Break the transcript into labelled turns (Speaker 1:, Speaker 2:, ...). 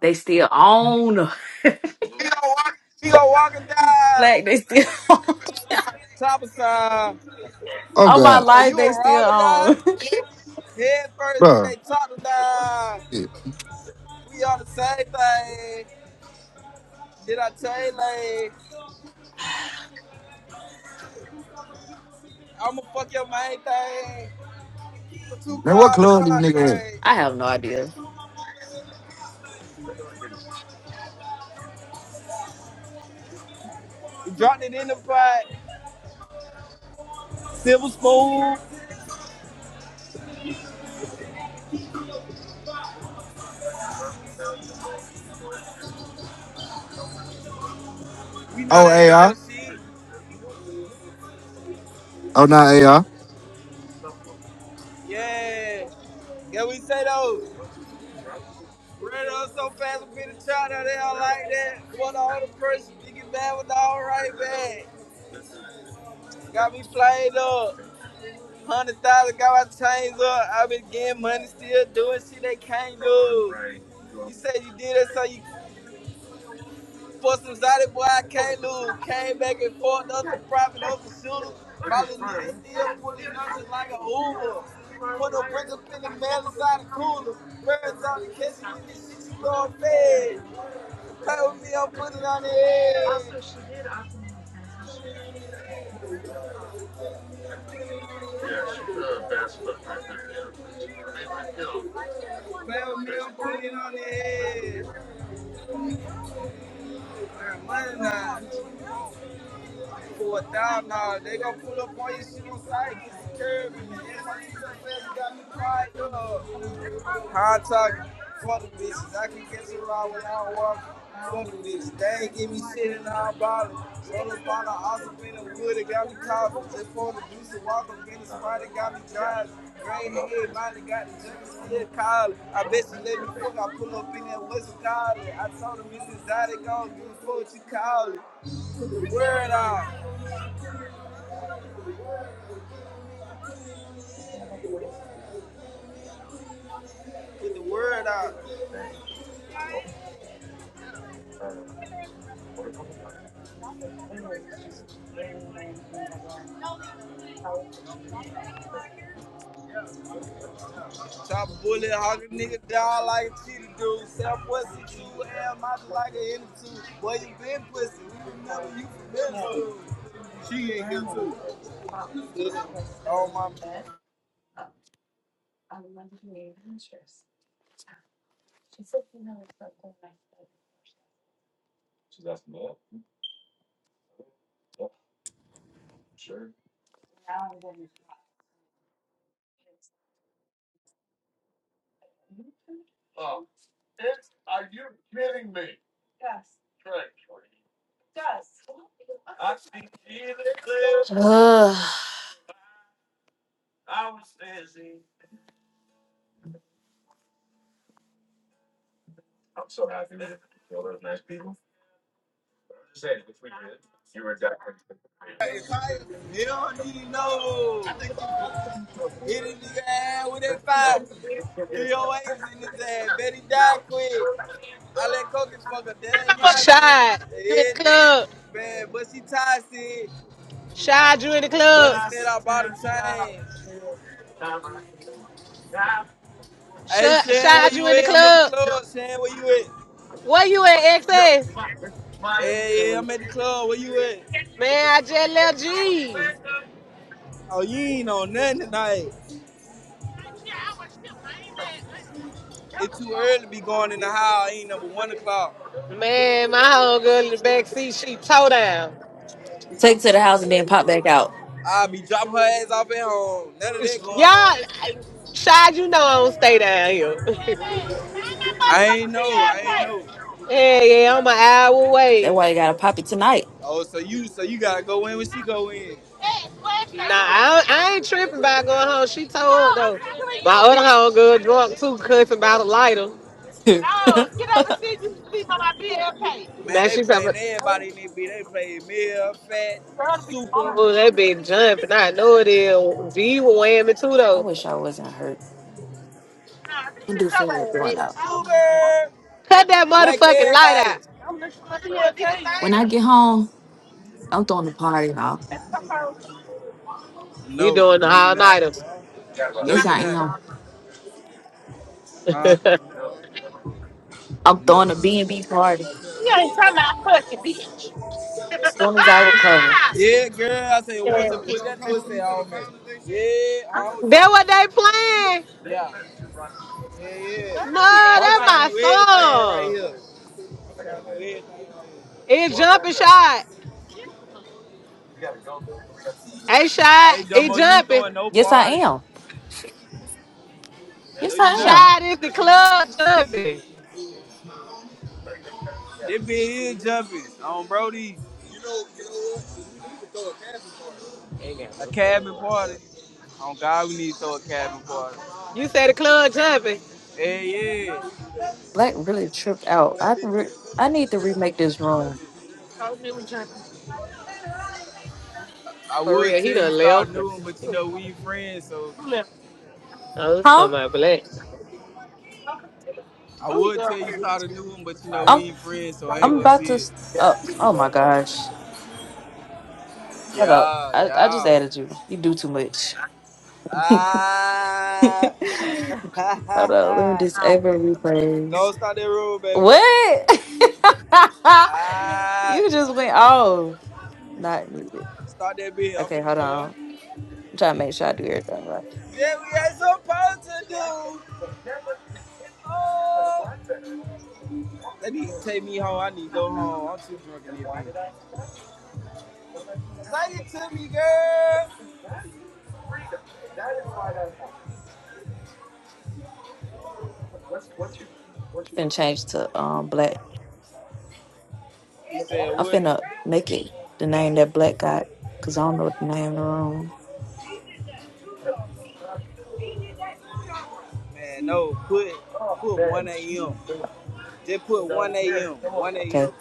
Speaker 1: They still own.
Speaker 2: We go walking down,
Speaker 1: Black, they still
Speaker 2: top of side.
Speaker 3: Oh
Speaker 1: on my
Speaker 3: God,
Speaker 2: Oh,
Speaker 1: life,
Speaker 2: you
Speaker 1: they
Speaker 2: a
Speaker 1: still
Speaker 2: robber die?
Speaker 1: own.
Speaker 2: Head first, then
Speaker 3: bro.
Speaker 2: they talk to die. We on the same thing. Did I tell you, like, I'ma fuck your main thing. Two
Speaker 3: Man, what
Speaker 2: cars, the
Speaker 3: club these
Speaker 2: car
Speaker 3: niggas at?
Speaker 2: crane.
Speaker 1: I have no idea.
Speaker 2: We dropped it in the pot. Silver spoon. We know
Speaker 3: Oh
Speaker 2: that ain't
Speaker 3: AI.
Speaker 2: your shit.
Speaker 3: Oh not AI.
Speaker 2: Yeah. Yeah, we say those? Ran up so fast, we been a child out there like that. What the other person, you get mad with the all right bag. Got me flayed up. one Hundred thousand got my chains up. I been getting money, still doing shit they can't do. You said you did it, so you for some Zoddy boy I can't lose. Came back and forth, up the profit, up the shooter. My little nigga still pulling up just like a Uber. Put a brick up in the mail inside the cooler. Birds on the kitchen with this shit you going fed. Play with me, I'm putting it on the head. Play with me, I'm putting it on the head. Money now. pull a down now. They gonna pull up on your shit on site, get security. and That's why you so fast, got me quiet, dog. Contact, fuck the bitches. I can catch a ride when I walk. Fuck the bitches. They ain't give me shit in I bottle. Roll up on the awesome in the wood, it got me coughing. Just pulled the juice and walk up in the spot, it got me driving. Grade A, mine got the jump still collar. I bet she let me fuck, I pull up in that West Collar. I told her, Mrs. Zaddy, go do what you call it. Word out. Get the word out. Chop a bullet, hog a nigga down like a cheetah dude. Sell pussy too, hell, mouth like a henny too. Boy, you been pussy. We remember you from middle school. She ain't here too. Oh my.
Speaker 1: Ugh.
Speaker 2: You don't need to know. Hit his nigga ass with that five. 308s in his ass. Bet he die quick. I let Coca fuck up. That ain't my bitch.
Speaker 4: Shy,
Speaker 2: That
Speaker 4: you in the
Speaker 2: It,
Speaker 4: club.
Speaker 2: man, but she toxic.
Speaker 4: Shy, you in the
Speaker 2: But
Speaker 4: club.
Speaker 2: instead I bought a chain. Hey,
Speaker 4: Shy,
Speaker 2: Shan,
Speaker 4: Shy,
Speaker 2: where
Speaker 4: you
Speaker 2: you
Speaker 4: in the
Speaker 2: at? I'm at the
Speaker 4: club.
Speaker 2: club. Shan, where you at?
Speaker 4: Where you at, XS?
Speaker 2: Hey, yeah, I'm at the club. Where you at?
Speaker 4: Man, I just left G.
Speaker 2: Oh, you ain't on nothing tonight. It's too early to be going in the house. Ain't number one o'clock.
Speaker 4: Man, my whole girl in the back seat, she toe down.
Speaker 1: Take to the house and then pop back out.
Speaker 2: I'll be dropping her ass off at home. None of
Speaker 4: It's,
Speaker 2: that
Speaker 4: y'all,
Speaker 2: going on.
Speaker 4: I- Shy, you know I don't stay down here.
Speaker 2: I ain't know. I ain't know.
Speaker 4: Hey, yeah, yeah, I'm an hour
Speaker 1: That's
Speaker 4: away.
Speaker 1: why you gotta pop it tonight.
Speaker 2: Oh, so you, so you gotta go in when she go in.
Speaker 4: Nah, I, I ain't tripping about going home. She told though. My other home girl drunk too, cussing about a lighter.
Speaker 1: I
Speaker 2: Man,
Speaker 4: Now
Speaker 2: they
Speaker 4: she's up.
Speaker 2: playing everybody in this beat. They playing Mill, Fat, Super,
Speaker 4: Oh, that been jumping. I know it is. G was whamming too though.
Speaker 1: wish I wasn't hurt. I do feel like going out.
Speaker 2: Super,
Speaker 4: Cut that
Speaker 2: Whack
Speaker 4: motherfucking light
Speaker 2: everybody.
Speaker 4: out.
Speaker 1: When I get home, I'm throwing a party now.
Speaker 4: You
Speaker 2: No,
Speaker 4: doing the
Speaker 2: no, you
Speaker 4: all
Speaker 2: not.
Speaker 4: nighter.
Speaker 2: No,
Speaker 1: Yes,
Speaker 2: you
Speaker 1: I
Speaker 2: not.
Speaker 1: am.
Speaker 2: Huh?
Speaker 4: that
Speaker 1: I'm
Speaker 2: No.
Speaker 1: throwing a B and b party as soon as I recover.
Speaker 2: Yeah, girl. I said once and put that pussy on me. Yeah, how old is it?
Speaker 4: what they playing?
Speaker 2: Yeah. Yeah, yeah.
Speaker 4: No,
Speaker 2: But I'm trying to
Speaker 4: that my
Speaker 2: do everything right here.
Speaker 4: song.
Speaker 2: I'm trying to do everything.
Speaker 4: It jumping shot. Hey
Speaker 2: Hey,
Speaker 4: shot. It
Speaker 2: Dumbo, you ain't
Speaker 4: jumping.
Speaker 2: throwing no
Speaker 1: Yes, I
Speaker 2: party.
Speaker 1: am.
Speaker 2: No,
Speaker 1: Yes,
Speaker 2: you
Speaker 1: I
Speaker 2: not.
Speaker 1: am.
Speaker 4: Shot is the club jumping.
Speaker 2: This bitch is jumping on Brody.
Speaker 4: Ain't got
Speaker 2: A
Speaker 4: no sense
Speaker 2: cabin
Speaker 4: right now.
Speaker 2: party. On God, we need to throw a cabin party.
Speaker 4: You said the club jumping.
Speaker 2: Hey, yeah.
Speaker 1: Black really tripped out. I re- I need to remake this room.
Speaker 2: I
Speaker 4: For
Speaker 2: would
Speaker 4: real,
Speaker 2: tell
Speaker 4: he
Speaker 2: you
Speaker 4: done
Speaker 2: start a
Speaker 4: left.
Speaker 2: new one, but you know we ain't friends, so
Speaker 4: I was talking
Speaker 1: Huh?
Speaker 4: about black.
Speaker 2: I would tell you start a new one, but you know we
Speaker 1: I'm
Speaker 2: ain't friends, so I
Speaker 1: I'm
Speaker 2: ain't gonna
Speaker 1: about to.
Speaker 2: see it.
Speaker 1: Oh, oh my gosh! Shut up!
Speaker 2: Yeah,
Speaker 1: I, I just
Speaker 2: yeah.
Speaker 1: added you. You do too much.
Speaker 2: Ah,
Speaker 1: Hold on. Let me disable replays.
Speaker 2: don't start that road, baby.
Speaker 1: What?
Speaker 2: Ah,
Speaker 1: you just went off. Not muted.
Speaker 2: start that bit. I'm
Speaker 1: Okay,
Speaker 2: finna
Speaker 1: hold
Speaker 2: join.
Speaker 1: on. I'm trying to make sure I do everything right.
Speaker 2: Yeah, we ain't supposed to do. Oh, they need to take me home. I need to go home. I'm too drunk in this bitch. Say it to me, girl.
Speaker 1: Finna change to um black.
Speaker 2: He said,
Speaker 1: I'm
Speaker 2: "What?
Speaker 1: finna make it the name that black got because I don't know what the name of the room.
Speaker 2: Man, no. Put put 1 a.m. Just put 1 a.m. 1 a.m.
Speaker 1: Okay.